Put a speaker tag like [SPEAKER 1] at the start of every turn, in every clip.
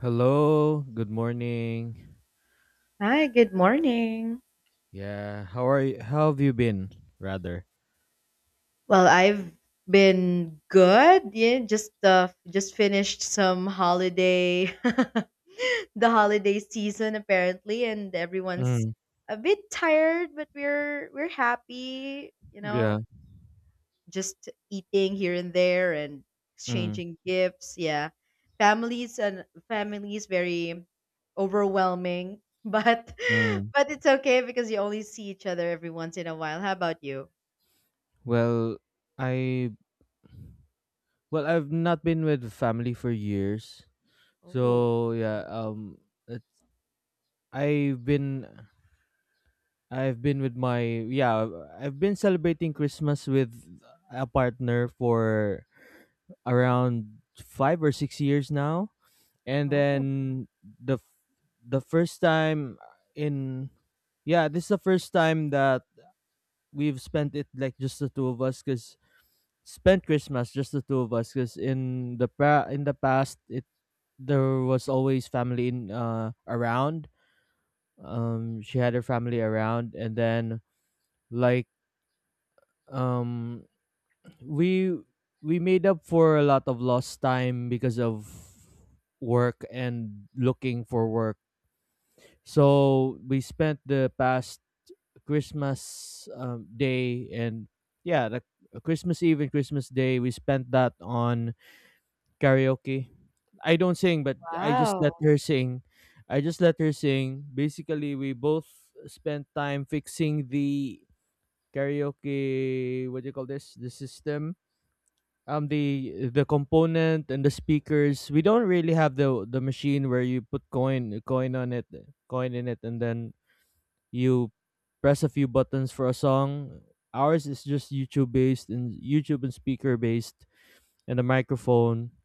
[SPEAKER 1] Hello, good morning.
[SPEAKER 2] Hi, good morning.
[SPEAKER 1] Yeah, how are you? How have you been, rather?
[SPEAKER 2] Well, I've been good. Yeah, just finished some holiday the holiday season apparently and everyone's
[SPEAKER 1] Mm,
[SPEAKER 2] a bit tired, but we're happy, you know,
[SPEAKER 1] yeah.
[SPEAKER 2] just eating here and there and
[SPEAKER 1] Mm,
[SPEAKER 2] exchanging gifts. Yeah. Families and families very overwhelming,
[SPEAKER 1] mm.
[SPEAKER 2] but it's okay because you only see each other every once in a while. How about you?
[SPEAKER 1] Well, I well I've not been with family for years.
[SPEAKER 2] Oh.
[SPEAKER 1] So, yeah, it's, I've been I've been with my yeah, I've been celebrating Christmas with a partner for around 5 or 6 years now. And then
[SPEAKER 2] Oh,
[SPEAKER 1] the f- the first time in yeah this is the first time that we've spent it like just the two of us because spent Christmas just the two of us because in the past it there was always family in around. She had her family around, and then like um we we made up for a lot of lost time because of work and looking for work. So we spent the past Christmas day and yeah, the Christmas Eve and Christmas Day we spent that on karaoke. I don't sing, but I just let
[SPEAKER 2] wow.
[SPEAKER 1] her sing. I just let her sing. Basically, we both spent time fixing the karaoke. What do you call this? The system. The component and the speakers. We don't really have the machine where you put coin on it, coin in it, and then you press a few buttons for a song. Ours is just YouTube based, and YouTube and speaker based, and a microphone.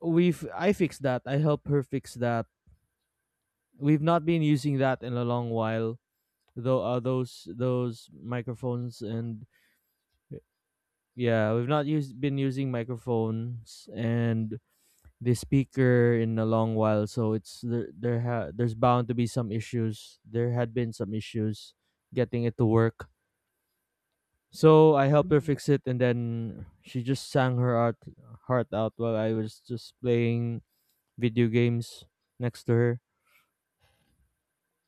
[SPEAKER 1] We've I fixed that. I helped her fix that. We've not been using that in a long while. Though those microphones and yeah, we've not used been using microphones and the speaker in a long while, so it's there. There's bound to be some issues. There had been some issues getting it to work, so I helped her
[SPEAKER 2] Mm.
[SPEAKER 1] fix it, and then she just sang her heart out while I was just playing video games next to her.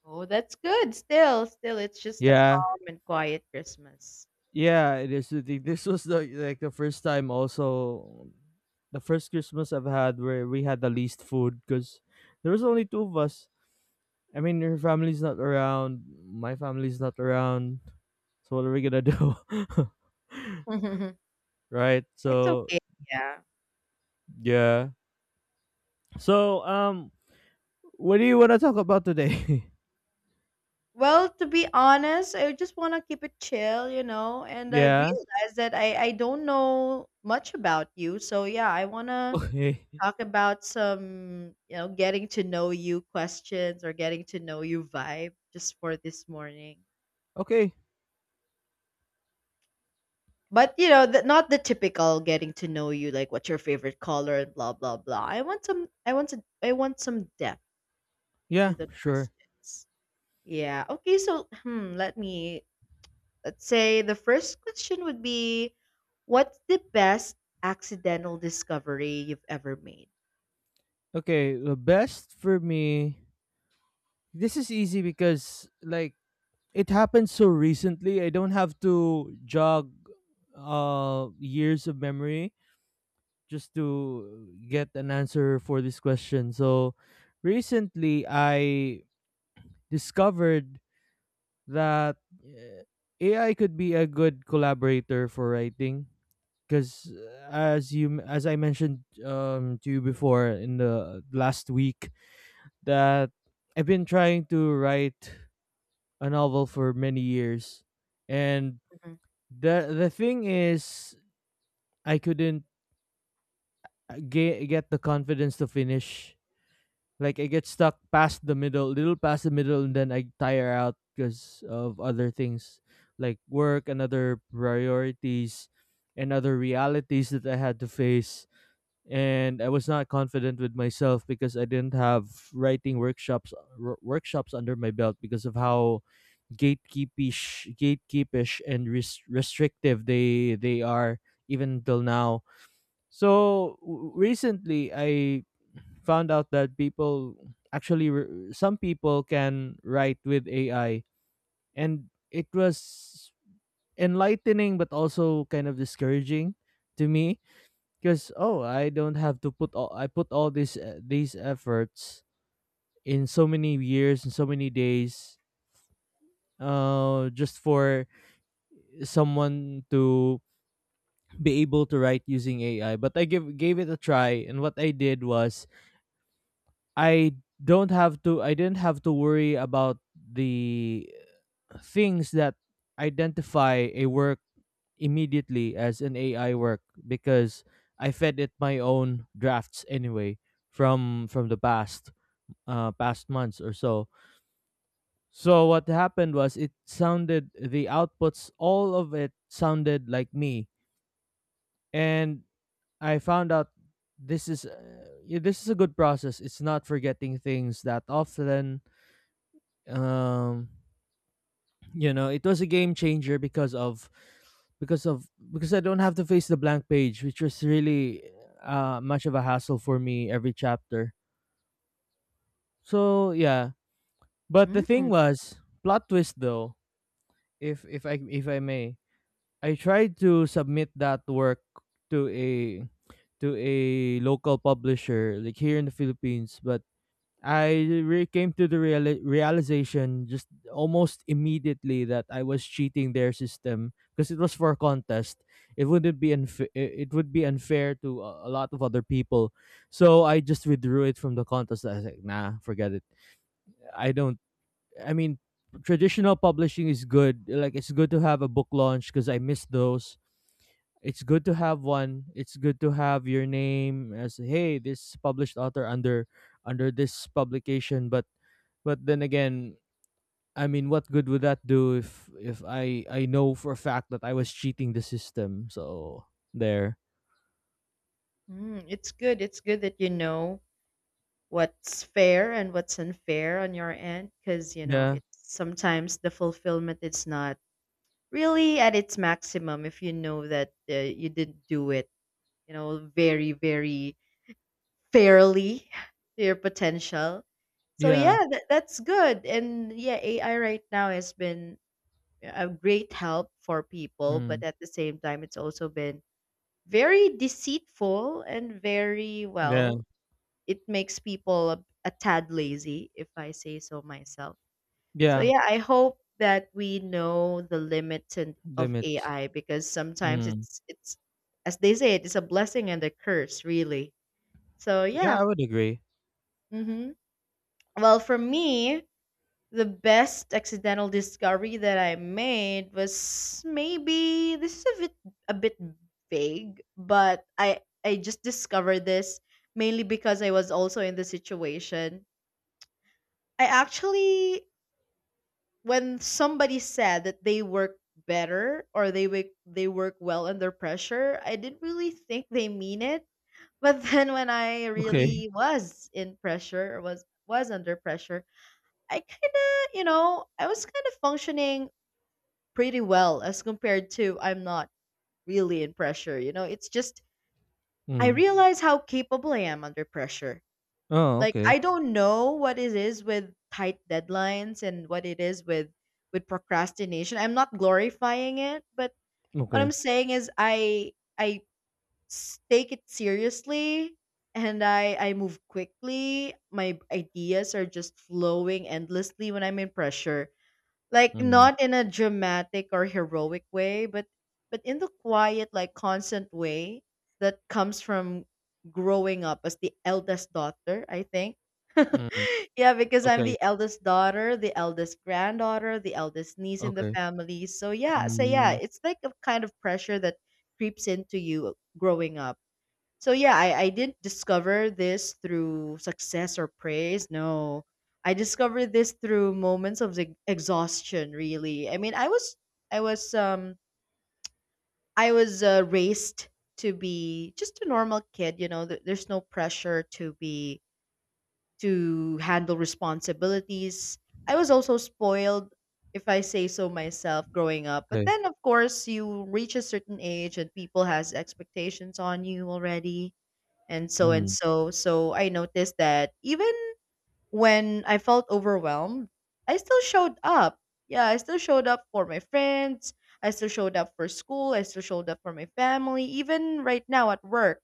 [SPEAKER 2] Oh, that's good. Still, still, it's just a
[SPEAKER 1] Yeah,
[SPEAKER 2] calm and quiet Christmas.
[SPEAKER 1] yeah. It is. The thing. This was the first time also, the first Christmas I've had where we had the least food because there was only two of us. I mean, her family's not around, my family's not around. So what are we gonna do, right?
[SPEAKER 2] It's
[SPEAKER 1] So
[SPEAKER 2] okay, yeah.
[SPEAKER 1] yeah. So um, what do you wanna talk about today?
[SPEAKER 2] Well, to be honest, I just want to keep it chill, you know, and I
[SPEAKER 1] Yeah.
[SPEAKER 2] realized that I don't know much about you. So, yeah, I want to
[SPEAKER 1] Okay.
[SPEAKER 2] talk about some, you know, getting to know you questions or getting to know you vibe just for this morning.
[SPEAKER 1] Okay.
[SPEAKER 2] But you know, not the typical getting to know you, like what's your favorite color and blah blah blah. I want some. I want to. I want some depth
[SPEAKER 1] Yeah,
[SPEAKER 2] into the
[SPEAKER 1] sure.
[SPEAKER 2] questions. Yeah. Okay. So, hmm, let me. Let's say the first question would be, what's the best accidental discovery you've ever made?
[SPEAKER 1] Okay, the best for me, this is easy because like it happened so recently. I don't have to jog years of memory just to get an answer for this question. So recently I discovered that uh, AI could be a good collaborator for writing because as I mentioned to you before in the last week that I've been trying to write a novel for many years, and
[SPEAKER 2] Mhm.
[SPEAKER 1] the thing is I couldn't get the confidence to finish. Like I get stuck past the middle, little past the middle, and then I tire out because of other things like work and other priorities and other realities that I had to face. And I was not confident with myself because I didn't have writing workshops under my belt because of how gatekeepish and restrictive they are even till now. Recently, I found out that people some people can write with AI, and it was enlightening but also kind of discouraging to me because oh, I don't have to put all I put all this these efforts in so many years and so many days just for someone to be able to write using AI. But I give gave it a try, and what I did was I don't have to I didn't have to worry about the things that identify a work immediately as an AI work because I fed it my own drafts anyway from the past past months or so. So what happened was it sounded the outputs, all of it sounded like me, and I found out this is yeah, this is a good process. It's not forgetting things that often. um you know, it was a game changer because of because I don't have to face the blank page, which was really much of a hassle for me every chapter. So yeah. But the thing
[SPEAKER 2] Mm.
[SPEAKER 1] was, plot twist though, if I may, I tried to submit that work to a local publisher like here in the Philippines, but came to the realization just almost immediately that I was cheating their system because it was for a contest. It wouldn't be unfa- It would be unfair to a lot of other people. So I just withdrew it from the contest. I was like, nah, forget it. I don't. I mean, traditional publishing is good. Like it's good to have a book launch because I miss those. It's good to have one. It's good to have your name as hey, this published author under this publication. But then again, I mean, what good would that do if I know for a fact that I was cheating the system? So there,
[SPEAKER 2] Mm, it's good. It's good that you know what's fair and what's unfair on your end, because you know
[SPEAKER 1] yeah,
[SPEAKER 2] it's sometimes the fulfillment is not really at its maximum if you know that you didn't do it, you know, very very fairly to your potential. So
[SPEAKER 1] yeah,
[SPEAKER 2] yeah, that, that's good. And yeah, AI right now has been a great help for people, but
[SPEAKER 1] mm,
[SPEAKER 2] at the same time it's also been very deceitful and very
[SPEAKER 1] yeah,
[SPEAKER 2] well, it makes people a tad lazy if I say so myself. So
[SPEAKER 1] yeah.
[SPEAKER 2] yeah, I hope that we know the limits and of
[SPEAKER 1] Limits.
[SPEAKER 2] AI, because sometimes
[SPEAKER 1] Mm.
[SPEAKER 2] it's as they say, it is a blessing and a curse really. So
[SPEAKER 1] Yeah,
[SPEAKER 2] yeah.
[SPEAKER 1] I would agree.
[SPEAKER 2] Hmm. Well, for me, the best accidental discovery that I made was, maybe this is a bit vague, but I just discovered this mainly because I was also in the situation. I actually, when somebody said that they work better or they work well under pressure, I didn't really think they mean it. But then when I
[SPEAKER 1] Okay.
[SPEAKER 2] really was in pressure or was under pressure, I kind of, you know, I was kind of functioning pretty well as compared to I'm not really in pressure, you know. It's just I
[SPEAKER 1] Mm.
[SPEAKER 2] realize how capable I am under pressure.
[SPEAKER 1] Oh,
[SPEAKER 2] Like
[SPEAKER 1] okay.
[SPEAKER 2] I don't know what it is with tight deadlines and what it is with procrastination. I'm not glorifying it, but what I'm
[SPEAKER 1] Okay.
[SPEAKER 2] saying is I take it seriously, and I move quickly. My ideas are just flowing endlessly when I'm in pressure, like
[SPEAKER 1] Mm.
[SPEAKER 2] not in a dramatic or heroic way, but in the quiet, like constant way that comes from growing up as the eldest daughter, I think.
[SPEAKER 1] Mm.
[SPEAKER 2] Yeah, because I'm
[SPEAKER 1] Okay.
[SPEAKER 2] the eldest daughter, the eldest granddaughter, the eldest niece in the
[SPEAKER 1] Okay.
[SPEAKER 2] family. So yeah, so yeah,
[SPEAKER 1] Mm.
[SPEAKER 2] it's like a kind of pressure that creeps into you growing up. So yeah, I didn't discover this through success or praise. No. I discovered this through moments of exhaustion, really. I mean, I was I was I was raised to be just a normal kid, you know, there's no pressure to be to handle responsibilities. I was also spoiled, if I say so myself, growing up. But
[SPEAKER 1] Okay.
[SPEAKER 2] then of course, you reach a certain age and people has expectations on you already and so and
[SPEAKER 1] Mm.
[SPEAKER 2] so. So I noticed that even when I felt overwhelmed, I still showed up. Yeah, I still showed up for my friends. I still showed up for school. I still showed up for my family, even right now at work.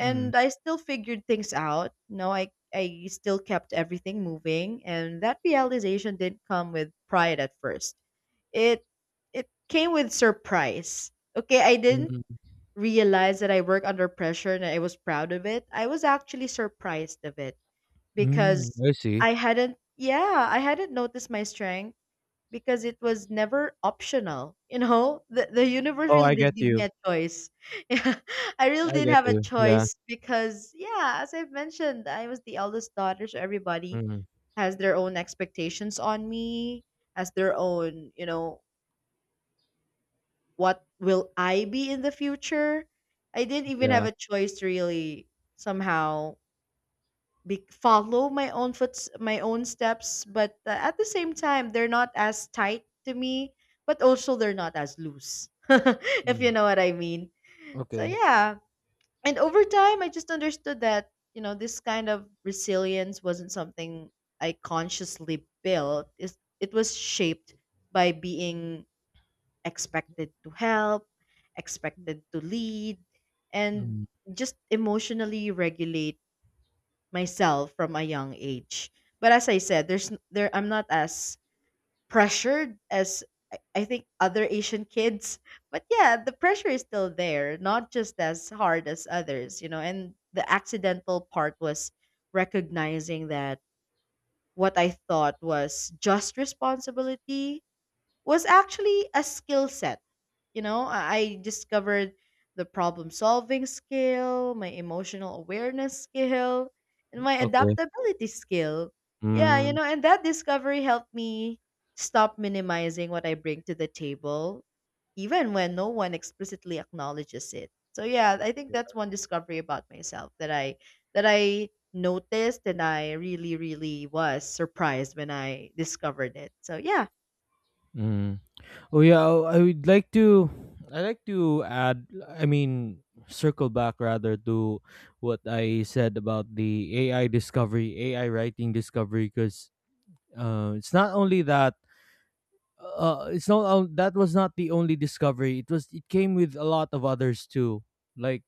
[SPEAKER 1] Mm.
[SPEAKER 2] I still figured things out. No, I still kept everything moving, and that realization didn't come with pride at first. It it came with surprise. Okay, I didn't
[SPEAKER 1] Mm.
[SPEAKER 2] realized that I work under pressure, and I was proud of it. I was actually surprised of it,
[SPEAKER 1] Mm,
[SPEAKER 2] because
[SPEAKER 1] I see.
[SPEAKER 2] I hadn't yeah, I hadn't noticed my strength because it was never optional. You know, the universe
[SPEAKER 1] Oh,
[SPEAKER 2] really
[SPEAKER 1] I get
[SPEAKER 2] did give me
[SPEAKER 1] you.
[SPEAKER 2] a choice. Yeah, I really
[SPEAKER 1] I
[SPEAKER 2] didn't
[SPEAKER 1] get
[SPEAKER 2] have a
[SPEAKER 1] you. Yeah.
[SPEAKER 2] choice because yeah, as I've mentioned, I was the eldest daughter, so everybody
[SPEAKER 1] Mm,
[SPEAKER 2] has their own expectations on me, has their own, you know, what will I be in the future? I didn't even have
[SPEAKER 1] yeah.
[SPEAKER 2] a choice to really somehow follow my own my own steps. But at the same time, they're not as tight to me, but also they're not as loose, if you
[SPEAKER 1] Mm,
[SPEAKER 2] know what I mean. So
[SPEAKER 1] okay.
[SPEAKER 2] yeah, and over time, I just understood that, you know, this kind of resilience wasn't something I consciously built. It was shaped by being expected to help, expected to lead, and
[SPEAKER 1] Mm,
[SPEAKER 2] just emotionally regulate myself from a young age. But as I said, there I'm not as pressured as I think other Asian kids. But yeah, the pressure is still there, not just as hard as others, you know. And the accidental part was recognizing that what I thought was just responsibility was actually a skill set. You know, I discovered the problem solving skill, my emotional awareness skill, and my
[SPEAKER 1] okay.
[SPEAKER 2] adaptability skill. Yeah, you
[SPEAKER 1] Mm,
[SPEAKER 2] know, and that discovery helped me stop minimizing what I bring to the table, even when no one explicitly acknowledges it. So yeah, I think that's one discovery about myself that I noticed and I really, really was surprised when I discovered it. So yeah.
[SPEAKER 1] mm. Oh yeah, oh, I would like to add, I mean, circle back rather to what I said about the AI discovery, AI writing discovery because it's not only that, it's not on- that was not the only discovery. It was it came with a lot of others too. Like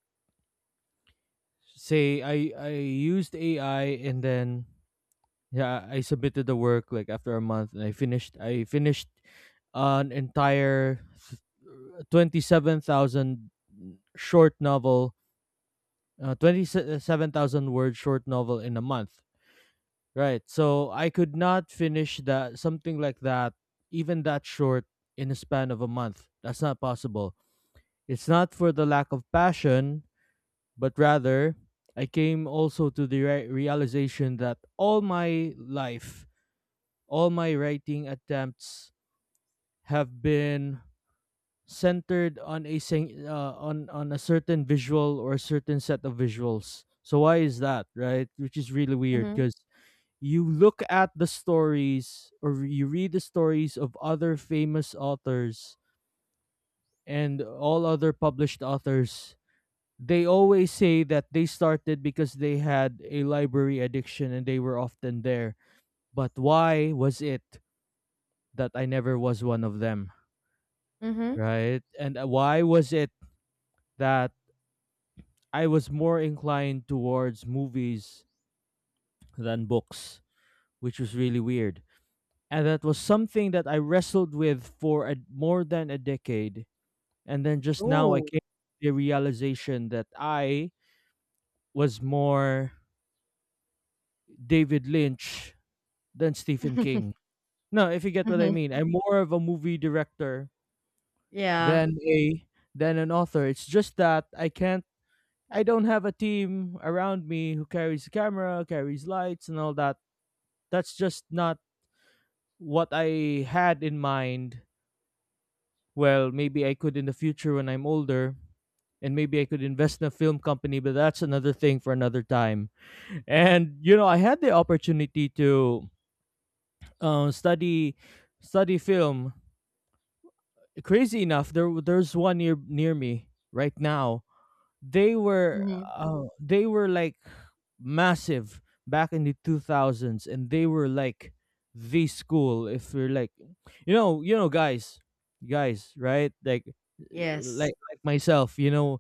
[SPEAKER 1] say I used AI and then yeah I submitted the work like after a month, and I finished an entire 27,000 short novel 27,000 word short novel in a month, right? So I could not finish that something like that even that short in a span of a month. That's not possible. It's not for the lack of passion, but rather I came also to the realization that all my life, all my writing attempts have been centered on a on a certain visual or a certain set of visuals. So why is that, right? Which is really weird because you look at the stories or you read the stories of other famous authors and all other published authors. They always say that they started because they had a library addiction and they were often there. But why was it that I never was one of them?
[SPEAKER 2] Mhm.
[SPEAKER 1] Right? And why was it that I was more inclined towards movies than books, which was really weird. And that was something that I wrestled with for more than a decade. And then just now I
[SPEAKER 2] Oh.
[SPEAKER 1] came to the realization that I was more David Lynch than Stephen King. No, if you get what I
[SPEAKER 2] Mhm.
[SPEAKER 1] mean. I'm more of a movie director
[SPEAKER 2] Yeah.
[SPEAKER 1] than a than an author. It's just that I can't I don't have a team around me who carries the camera, carries lights, and all that. That's just not what I had in mind. Well, maybe I could in the future when I'm older, and maybe I could invest in a film company, but that's another thing for another time. And you know, I had the opportunity to um, study study film. Crazy enough, there's one near me right now. They were
[SPEAKER 2] Mhm.
[SPEAKER 1] they were like massive back in the two thousands, and they were like the school. If we're like, you know, guys, right? Like,
[SPEAKER 2] Yes.
[SPEAKER 1] like myself, you know,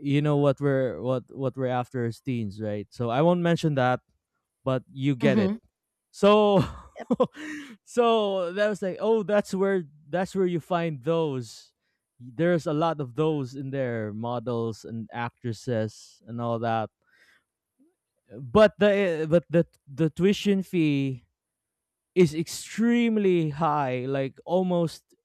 [SPEAKER 1] what we're after as teens, right? So I won't mention that, but you get it.
[SPEAKER 2] Mhm.
[SPEAKER 1] So
[SPEAKER 2] Yep.
[SPEAKER 1] so that was like, oh, that's where you find those. There's a lot of those in there, models and actresses and all that. But the tuition fee is extremely high, like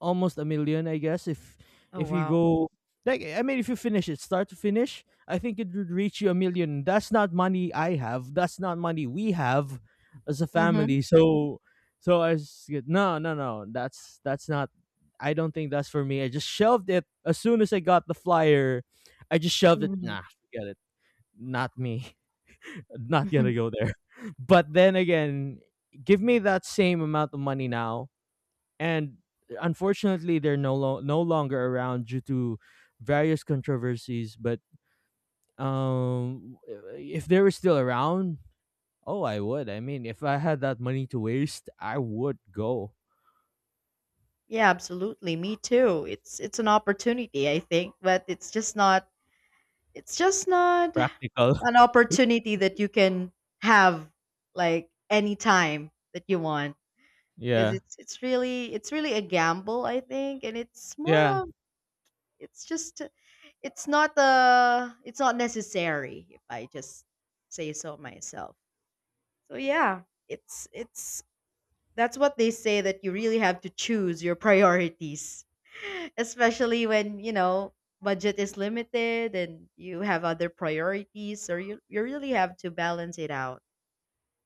[SPEAKER 1] almost a million, I guess.
[SPEAKER 2] Oh,
[SPEAKER 1] If you
[SPEAKER 2] wow.
[SPEAKER 1] go like, I mean, if you finish it, start to finish, I think it would reach you a million. That's not money I have. That's not money we have as a
[SPEAKER 2] Mhm.
[SPEAKER 1] family. So no no no. That's not. I don't think that's for me. I just shelved it as soon as I got the flyer. I just shelved it.
[SPEAKER 2] Mhm.
[SPEAKER 1] Nah, forget it. Not me. Not gonna
[SPEAKER 2] Mhm.
[SPEAKER 1] go there. But then again, give me that same amount of money now, and unfortunately they're no longer around due to various controversies, but um if they were still around, oh, I would. I mean, if I had that money to waste, I would go.
[SPEAKER 2] Yeah, absolutely. Me too. It's an opportunity, I think, but it's just not it's just not
[SPEAKER 1] Practical.
[SPEAKER 2] an opportunity that you can have like any time that you want, because
[SPEAKER 1] Yeah,
[SPEAKER 2] it's really it's really a gamble, I think, and it's
[SPEAKER 1] yeah,
[SPEAKER 2] more of it's just it's not it's not necessary if I just say so myself. So yeah, it's that's what they say, that you really have to choose your priorities. Especially when, you know, budget is limited and you have other priorities, or you really have to balance it out,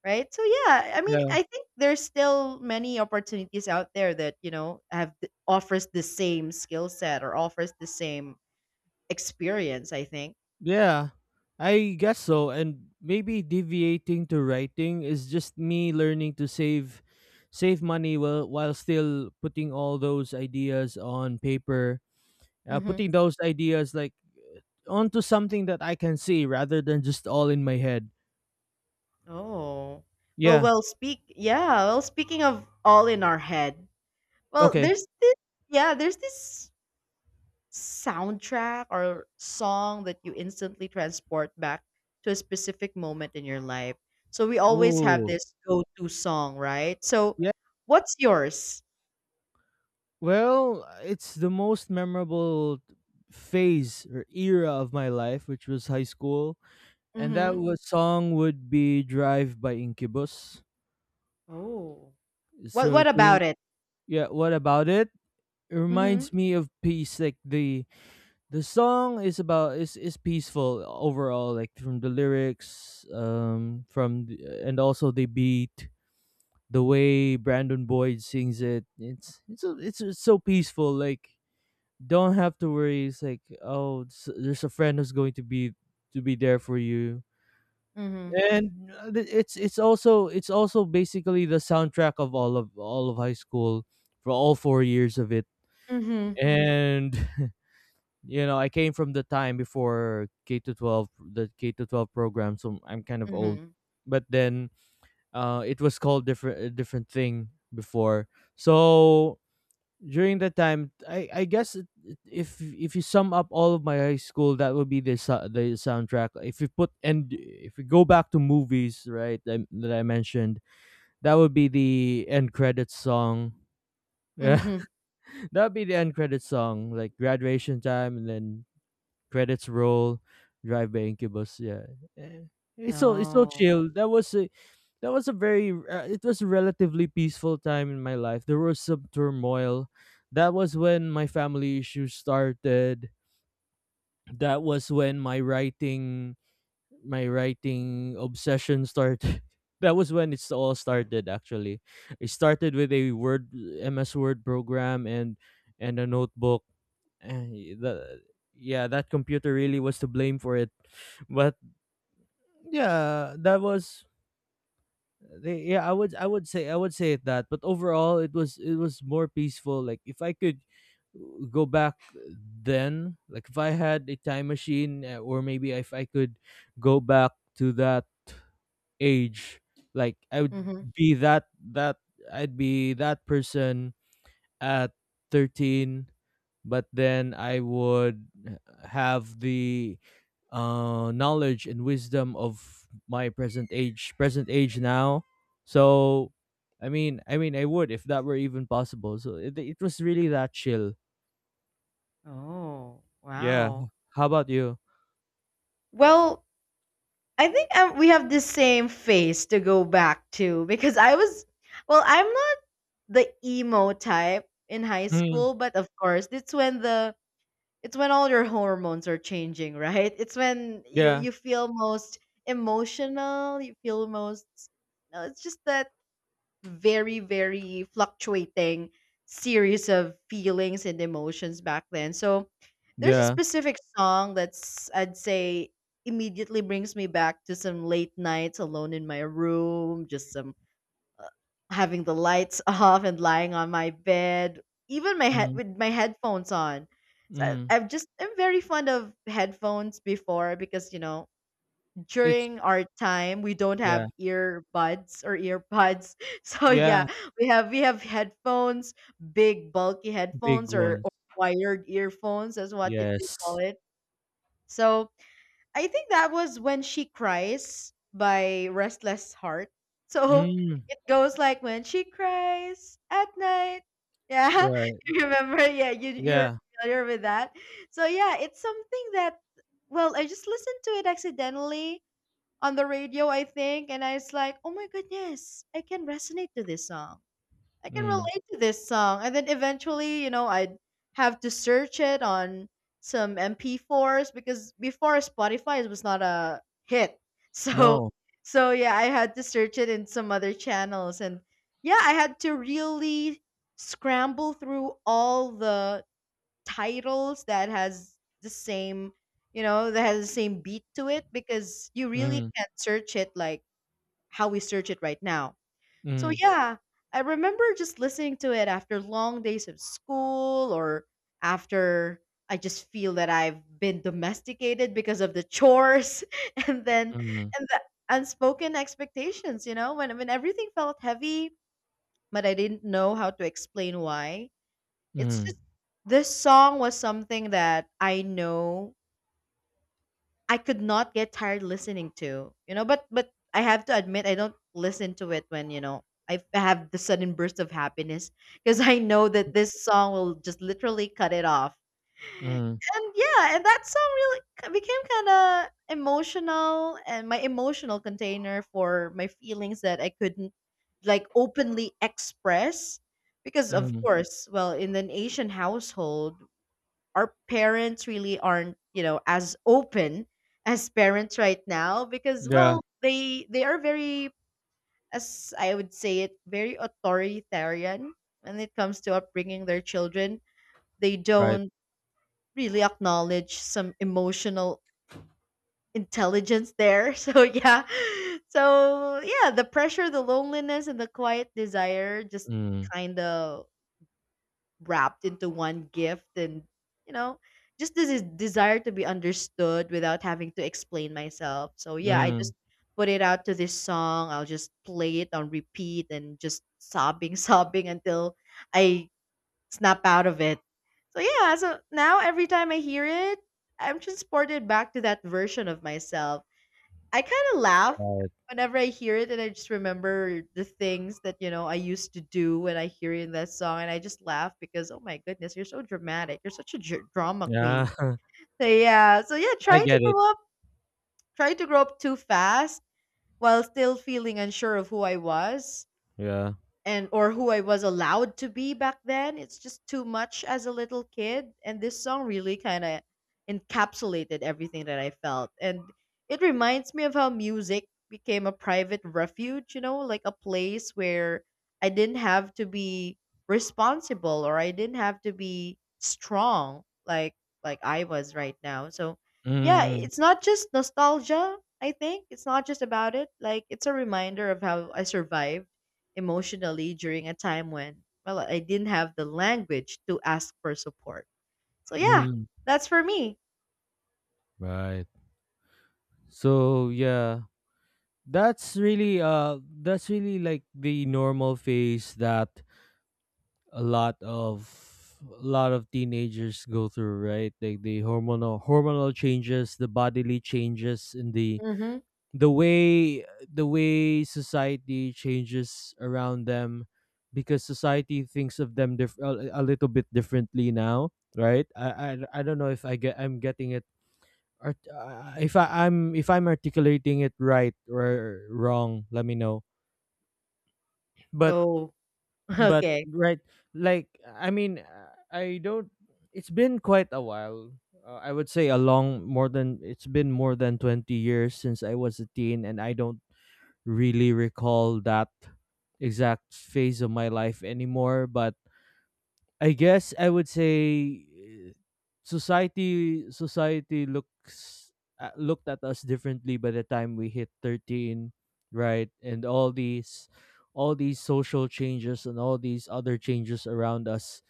[SPEAKER 2] right? So yeah, I mean,
[SPEAKER 1] yeah,
[SPEAKER 2] I think there's still many opportunities out there that, you know, have offers the same skill set or offers the same experience, I think.
[SPEAKER 1] yeah, I guess so. And maybe deviating to writing is just me learning to save, money while still putting all those ideas on paper,
[SPEAKER 2] Mhm.
[SPEAKER 1] putting those ideas, like, onto something that I can see rather than just all in my head.
[SPEAKER 2] Oh. Well,
[SPEAKER 1] Yeah.
[SPEAKER 2] well, speak. Yeah, well, speaking of all in our head. Well,
[SPEAKER 1] Okay.
[SPEAKER 2] there's this yeah, there's this soundtrack or song that you instantly transport back to a specific moment in your life. So we always have
[SPEAKER 1] Ooh.
[SPEAKER 2] this go-to song, right? So
[SPEAKER 1] Yeah.
[SPEAKER 2] what's yours?
[SPEAKER 1] Well, it's the most memorable phase or era of my life, which was high school, and that
[SPEAKER 2] Mhm.
[SPEAKER 1] was song would be "Drive" by Incubus.
[SPEAKER 2] Oh.
[SPEAKER 1] So,
[SPEAKER 2] What
[SPEAKER 1] okay,
[SPEAKER 2] about it?
[SPEAKER 1] yeah. What about it? It
[SPEAKER 2] Mhm.
[SPEAKER 1] reminds me of peace. Like the song is about is peaceful overall. Like from the lyrics, from the, and also the beat, the way Brandon Boyd sings it. It's just so peaceful. Like, don't have to worry. It's like, oh, there's a friend who's going to be there for you,
[SPEAKER 2] Mhm.
[SPEAKER 1] and it's also basically the soundtrack of all of high school for all 4 years of it.
[SPEAKER 2] Mhm.
[SPEAKER 1] And I came from the time before K to 12, the K to 12 program, so I'm kind of old.
[SPEAKER 2] Mhm.
[SPEAKER 1] But then, it was called different a different thing before. So during that time, I guess if you sum up all of my high school, that would be the the soundtrack. If you put and if you go back to movies, right, that I mentioned, that would be the end credits song. Yeah,
[SPEAKER 2] Mhm.
[SPEAKER 1] that would be the end credits song, like graduation time, and then credits roll, "Drive" by Incubus. Yeah. Eh, it's so
[SPEAKER 2] Oh.
[SPEAKER 1] chill. That was a very it was a relatively peaceful time in my life. There was some turmoil. That was when my family issues started. That was when my writing obsession started. That was when it's all started, actually. It started with a Word MS Word program and a notebook. Eh, the, yeah, that computer really was to blame for it. But yeah, that was yeah, I would say it that. But overall, it was more peaceful. Like if I could, go back then, like if I had a time machine, or maybe if I could go back to that age, like I would
[SPEAKER 2] Mhm.
[SPEAKER 1] be that, I'd be that person at 13. But then I would have the knowledge and wisdom of my present age, now. So, I mean I would, if that were even possible. So, it was really that chill.
[SPEAKER 2] Oh.
[SPEAKER 1] Yeah.
[SPEAKER 2] Wow.
[SPEAKER 1] How about you?
[SPEAKER 2] Well, I think we have the same phase to go back to because well, I'm not the emo type in high
[SPEAKER 1] Mm.
[SPEAKER 2] school, but of course, it's when the it's when all your hormones are changing, right? It's when
[SPEAKER 1] Yeah,
[SPEAKER 2] you feel most emotional, you feel most. No, it's just that very very fluctuating series of feelings and emotions back then. So there's a
[SPEAKER 1] yeah.
[SPEAKER 2] specific song that's, I'd say, immediately brings me back to some late nights alone in my room, just some having the lights off and lying on my bed, even my head
[SPEAKER 1] Mm,
[SPEAKER 2] with my headphones on. So I,
[SPEAKER 1] mm.
[SPEAKER 2] I've just I'm very fond of headphones before because, you know,
[SPEAKER 1] it's
[SPEAKER 2] during our time we don't
[SPEAKER 1] Yeah,
[SPEAKER 2] have earbuds or earpods. So
[SPEAKER 1] yeah.
[SPEAKER 2] yeah, we have headphones, big bulky
[SPEAKER 1] Big
[SPEAKER 2] headphones,
[SPEAKER 1] ones.
[SPEAKER 2] or wired earphones is what they
[SPEAKER 1] Yes.
[SPEAKER 2] call it. So I think that was "When She Cries" by Restless Heart. So
[SPEAKER 1] Mm.
[SPEAKER 2] it goes like, "when she cries at night." Yeah.
[SPEAKER 1] Right.
[SPEAKER 2] You remember? Yeah, you're
[SPEAKER 1] Yeah.
[SPEAKER 2] familiar with that. So yeah, it's something that, well, I just listened to it accidentally on the radio, I think, and I was like, oh my goodness, I can resonate to this song. I can
[SPEAKER 1] Mm.
[SPEAKER 2] relate to this song. And then eventually, you know, I'd have to search it on some MP4s because before Spotify it was not a hit. So
[SPEAKER 1] No.
[SPEAKER 2] so yeah, I had to search it in some other channels, and yeah, I had to really scramble through all the titles that has the same that has the same beat to it, because you really
[SPEAKER 1] Mm,
[SPEAKER 2] can't search it like how we search it right now. So
[SPEAKER 1] mm,
[SPEAKER 2] yeah, I remember just listening to it after long days of school, or after, I just feel that I've been domesticated because of the chores. And then,
[SPEAKER 1] mm.
[SPEAKER 2] and the unspoken expectations, you know, when everything felt heavy, but I didn't know how to explain why. It's
[SPEAKER 1] Mm,
[SPEAKER 2] just, this song was something that I know I could not get tired listening to, you know, but I have to admit I don't listen to it when, have the sudden burst of happiness, because I know that this song will just literally cut it off.
[SPEAKER 1] mm,
[SPEAKER 2] And yeah, and that song really became kind of emotional, and my emotional container for my feelings that I couldn't like openly express, because of
[SPEAKER 1] mm.
[SPEAKER 2] course, well, in an Asian household, our parents really aren't, you know, as open as parents right now, because
[SPEAKER 1] Yeah,
[SPEAKER 2] well they are very, as I would say it, very authoritarian when it comes to upbringing their children. They
[SPEAKER 1] right.
[SPEAKER 2] don't really acknowledge some emotional intelligence there. So yeah, the pressure, the loneliness, and the quiet desire just
[SPEAKER 1] Mm,
[SPEAKER 2] kind of wrapped into one gift. And you know, just this desire to be understood without having to explain myself. So yeah, I
[SPEAKER 1] mm,
[SPEAKER 2] just put it out to this song. I'll just play it on repeat and just sobbing sobbing until I snap out of it. So yeah, so now every time I hear it, I'm transported back to that version of myself. I kind of laugh
[SPEAKER 1] right.
[SPEAKER 2] whenever I hear it, and I just remember the things that I used to do when I hear in that song, and I just laugh because oh my goodness, you're so dramatic. You're such a drama
[SPEAKER 1] Yeah,
[SPEAKER 2] queen. So yeah,
[SPEAKER 1] I
[SPEAKER 2] trying to
[SPEAKER 1] get it.
[SPEAKER 2] grow up, trying to grow up too fast while still feeling unsure of who I was,
[SPEAKER 1] Yeah.
[SPEAKER 2] and or who I was allowed to be back then. It's just too much as a little kid, and this song really kind of encapsulated everything that I felt. And it reminds me of how music became a private refuge, you know, like a place where I didn't have to be responsible, or I didn't have to be strong, like I was right now. So, yeah,
[SPEAKER 1] Mm,
[SPEAKER 2] it's not just nostalgia, I think. It's not just about it. Like, it's a reminder of how I survived emotionally during a time when, well, I didn't have the language to ask for support. So, yeah,
[SPEAKER 1] mm,
[SPEAKER 2] that's for me.
[SPEAKER 1] right. So yeah, that's really, that's really like the normal phase that a lot of a lot of teenagers go through, right? Like the hormonal changes, the bodily changes in
[SPEAKER 2] Hmm.
[SPEAKER 1] the way the way society changes around them, because society thinks of them, a little bit differently now, right. I don't know if I'm getting it, if I'm articulating it right or wrong, let me know, but
[SPEAKER 2] Oh,
[SPEAKER 1] but
[SPEAKER 2] okay.
[SPEAKER 1] right, like I mean, I don't. It's been quite a while. I would say a long, more than it's been more than 20 years since I was a teen, and I don't really recall that exact phase of my life anymore. But I guess I would say, society society looks looked at us differently by the time we hit 13, right, and all these social changes and all these other changes around us.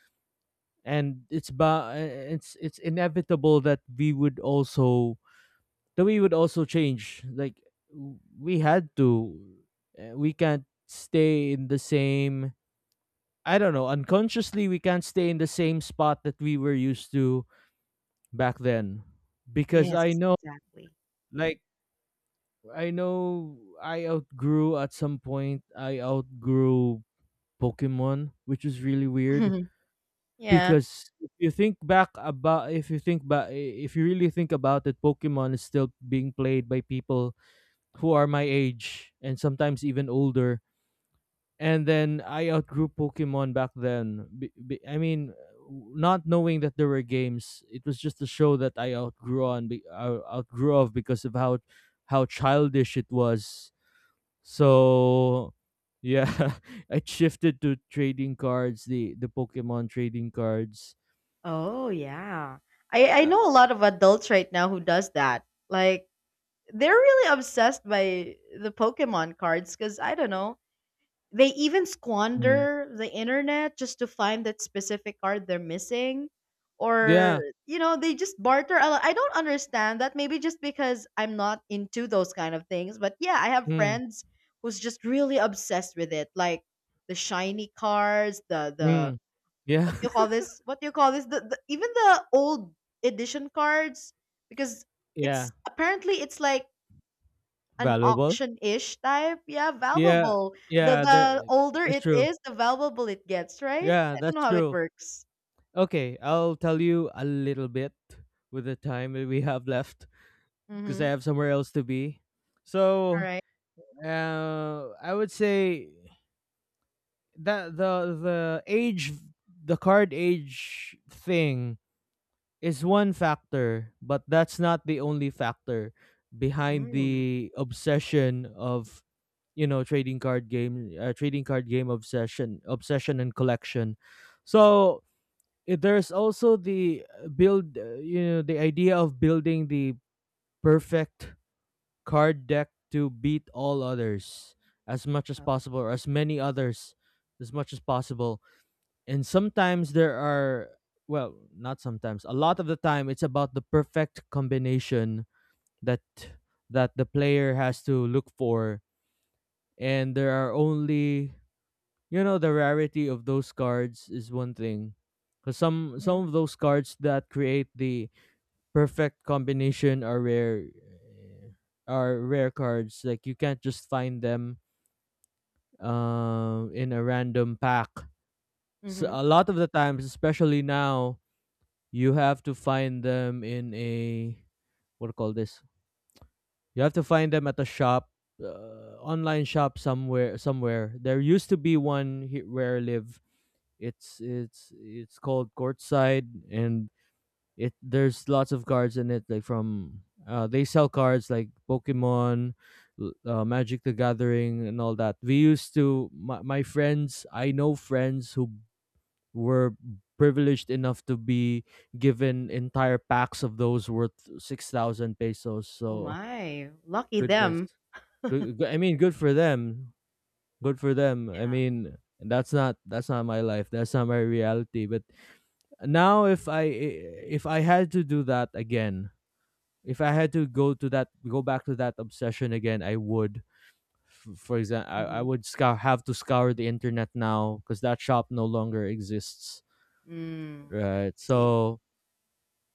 [SPEAKER 1] And it's ba- eh, it's inevitable that we would also the way would also change, like we had to, we can't stay in the same, I don't know, unconsciously we can't stay in the same spot that we were used to back then. Because I
[SPEAKER 2] Yes,
[SPEAKER 1] know,
[SPEAKER 2] exactly.
[SPEAKER 1] like I know, I outgrew, at some point I outgrew Pokemon, which is really weird.
[SPEAKER 2] Yeah.
[SPEAKER 1] Because if you think back about if you really think about it, Pokemon is still being played by people who are my age and sometimes even older. And then I outgrew Pokemon back then. I mean, not knowing that there were games, it was just a show that I outgrew on, outgrew of, because of how childish it was. So yeah, I shifted to trading cards, the Pokemon trading cards.
[SPEAKER 2] Oh, yeah. I know
[SPEAKER 1] Yeah.
[SPEAKER 2] a lot of adults right now who does that. Like, they're really obsessed by the Pokemon cards, because I don't know. They even
[SPEAKER 1] Mm.
[SPEAKER 2] squander the internet just to find that specific card they're missing. Or,
[SPEAKER 1] Yeah.
[SPEAKER 2] you know, they just barter a lot. I don't understand that. Maybe just because I'm not into those kind of things. But yeah, I have
[SPEAKER 1] Mm.
[SPEAKER 2] friends who's just really obsessed with it. Like the shiny cards, the
[SPEAKER 1] Mm. Yeah.
[SPEAKER 2] what do you call this? What do you call this? The even the old edition cards. Because
[SPEAKER 1] Yeah.
[SPEAKER 2] it's apparently it's like an
[SPEAKER 1] Valuable.
[SPEAKER 2] auction-ish type. Yeah,
[SPEAKER 1] Yeah.
[SPEAKER 2] valuable.
[SPEAKER 1] Yeah.
[SPEAKER 2] The
[SPEAKER 1] There.
[SPEAKER 2] older
[SPEAKER 1] It's
[SPEAKER 2] it
[SPEAKER 1] true.
[SPEAKER 2] is, the valuable it gets, right?
[SPEAKER 1] Yeah,
[SPEAKER 2] I don't know
[SPEAKER 1] that's
[SPEAKER 2] how it
[SPEAKER 1] true.
[SPEAKER 2] works.
[SPEAKER 1] Okay, I'll tell you a little bit with the time that we have left, because I
[SPEAKER 2] Mm-hmm.
[SPEAKER 1] have somewhere else to be.
[SPEAKER 2] All
[SPEAKER 1] So,
[SPEAKER 2] right.
[SPEAKER 1] I would say that the age, the card age thing, is one factor, but that's not the only factor behind
[SPEAKER 2] Mm.
[SPEAKER 1] the obsession of, you know, trading card game obsession and collection. So there's also the, build, you know, the idea of building the perfect card deck to beat all others as much as possible, or as many others as much as possible. And sometimes there are, well, not sometimes, a lot of the time it's about the perfect combination that the player has to look for. And there are only, you know, the rarity of those cards is one thing, because
[SPEAKER 2] Mm-hmm.
[SPEAKER 1] some of those cards that create the perfect combination are rare, are rare cards, like you can't just find them, in a random pack. So
[SPEAKER 2] Mm-hmm.
[SPEAKER 1] a lot of the times, especially now, you have to find them in a, what do you call this, you have to find them at a shop, online shop somewhere. Somewhere there used to be one, where I live. It's called Courtside, and it there's lots of cards in it, like from, they sell cards like Pokemon, Magic: The Gathering, and all that. We used to, my friends, I know friends who were privileged enough to be given entire packs of those worth 6,000 pesos,
[SPEAKER 2] Oh
[SPEAKER 1] so,
[SPEAKER 2] my, lucky
[SPEAKER 1] goodness.
[SPEAKER 2] them.
[SPEAKER 1] I mean, good for them. I
[SPEAKER 2] Yeah.
[SPEAKER 1] mean, that's not, that's not my life, that's not my reality. But now if I if I had to do that again, if I had to go to that, go back to that obsession again, I would. For example, I
[SPEAKER 2] Mm-hmm.
[SPEAKER 1] would scour, have to scour the internet now, because that shop no longer exists,
[SPEAKER 2] Mm, I
[SPEAKER 1] right?
[SPEAKER 2] see.
[SPEAKER 1] So,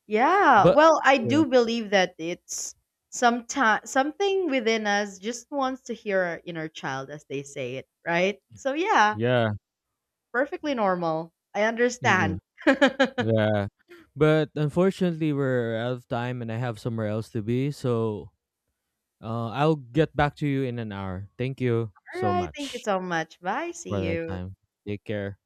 [SPEAKER 2] Yeah.
[SPEAKER 1] but
[SPEAKER 2] Well, I
[SPEAKER 1] yeah,
[SPEAKER 2] do believe that it's sometime something within us just wants to hear our inner child, as they say it, right? So yeah,
[SPEAKER 1] yeah,
[SPEAKER 2] perfectly normal. I
[SPEAKER 1] yeah,
[SPEAKER 2] understand.
[SPEAKER 1] yeah. But unfortunately, we're out of time, and I have somewhere else to be. So, I'll get back to you in an hour. Thank you
[SPEAKER 2] All
[SPEAKER 1] so
[SPEAKER 2] right. Thank you
[SPEAKER 1] much
[SPEAKER 2] so much. Bye.
[SPEAKER 1] for
[SPEAKER 2] See
[SPEAKER 1] the
[SPEAKER 2] you.
[SPEAKER 1] time. Take care.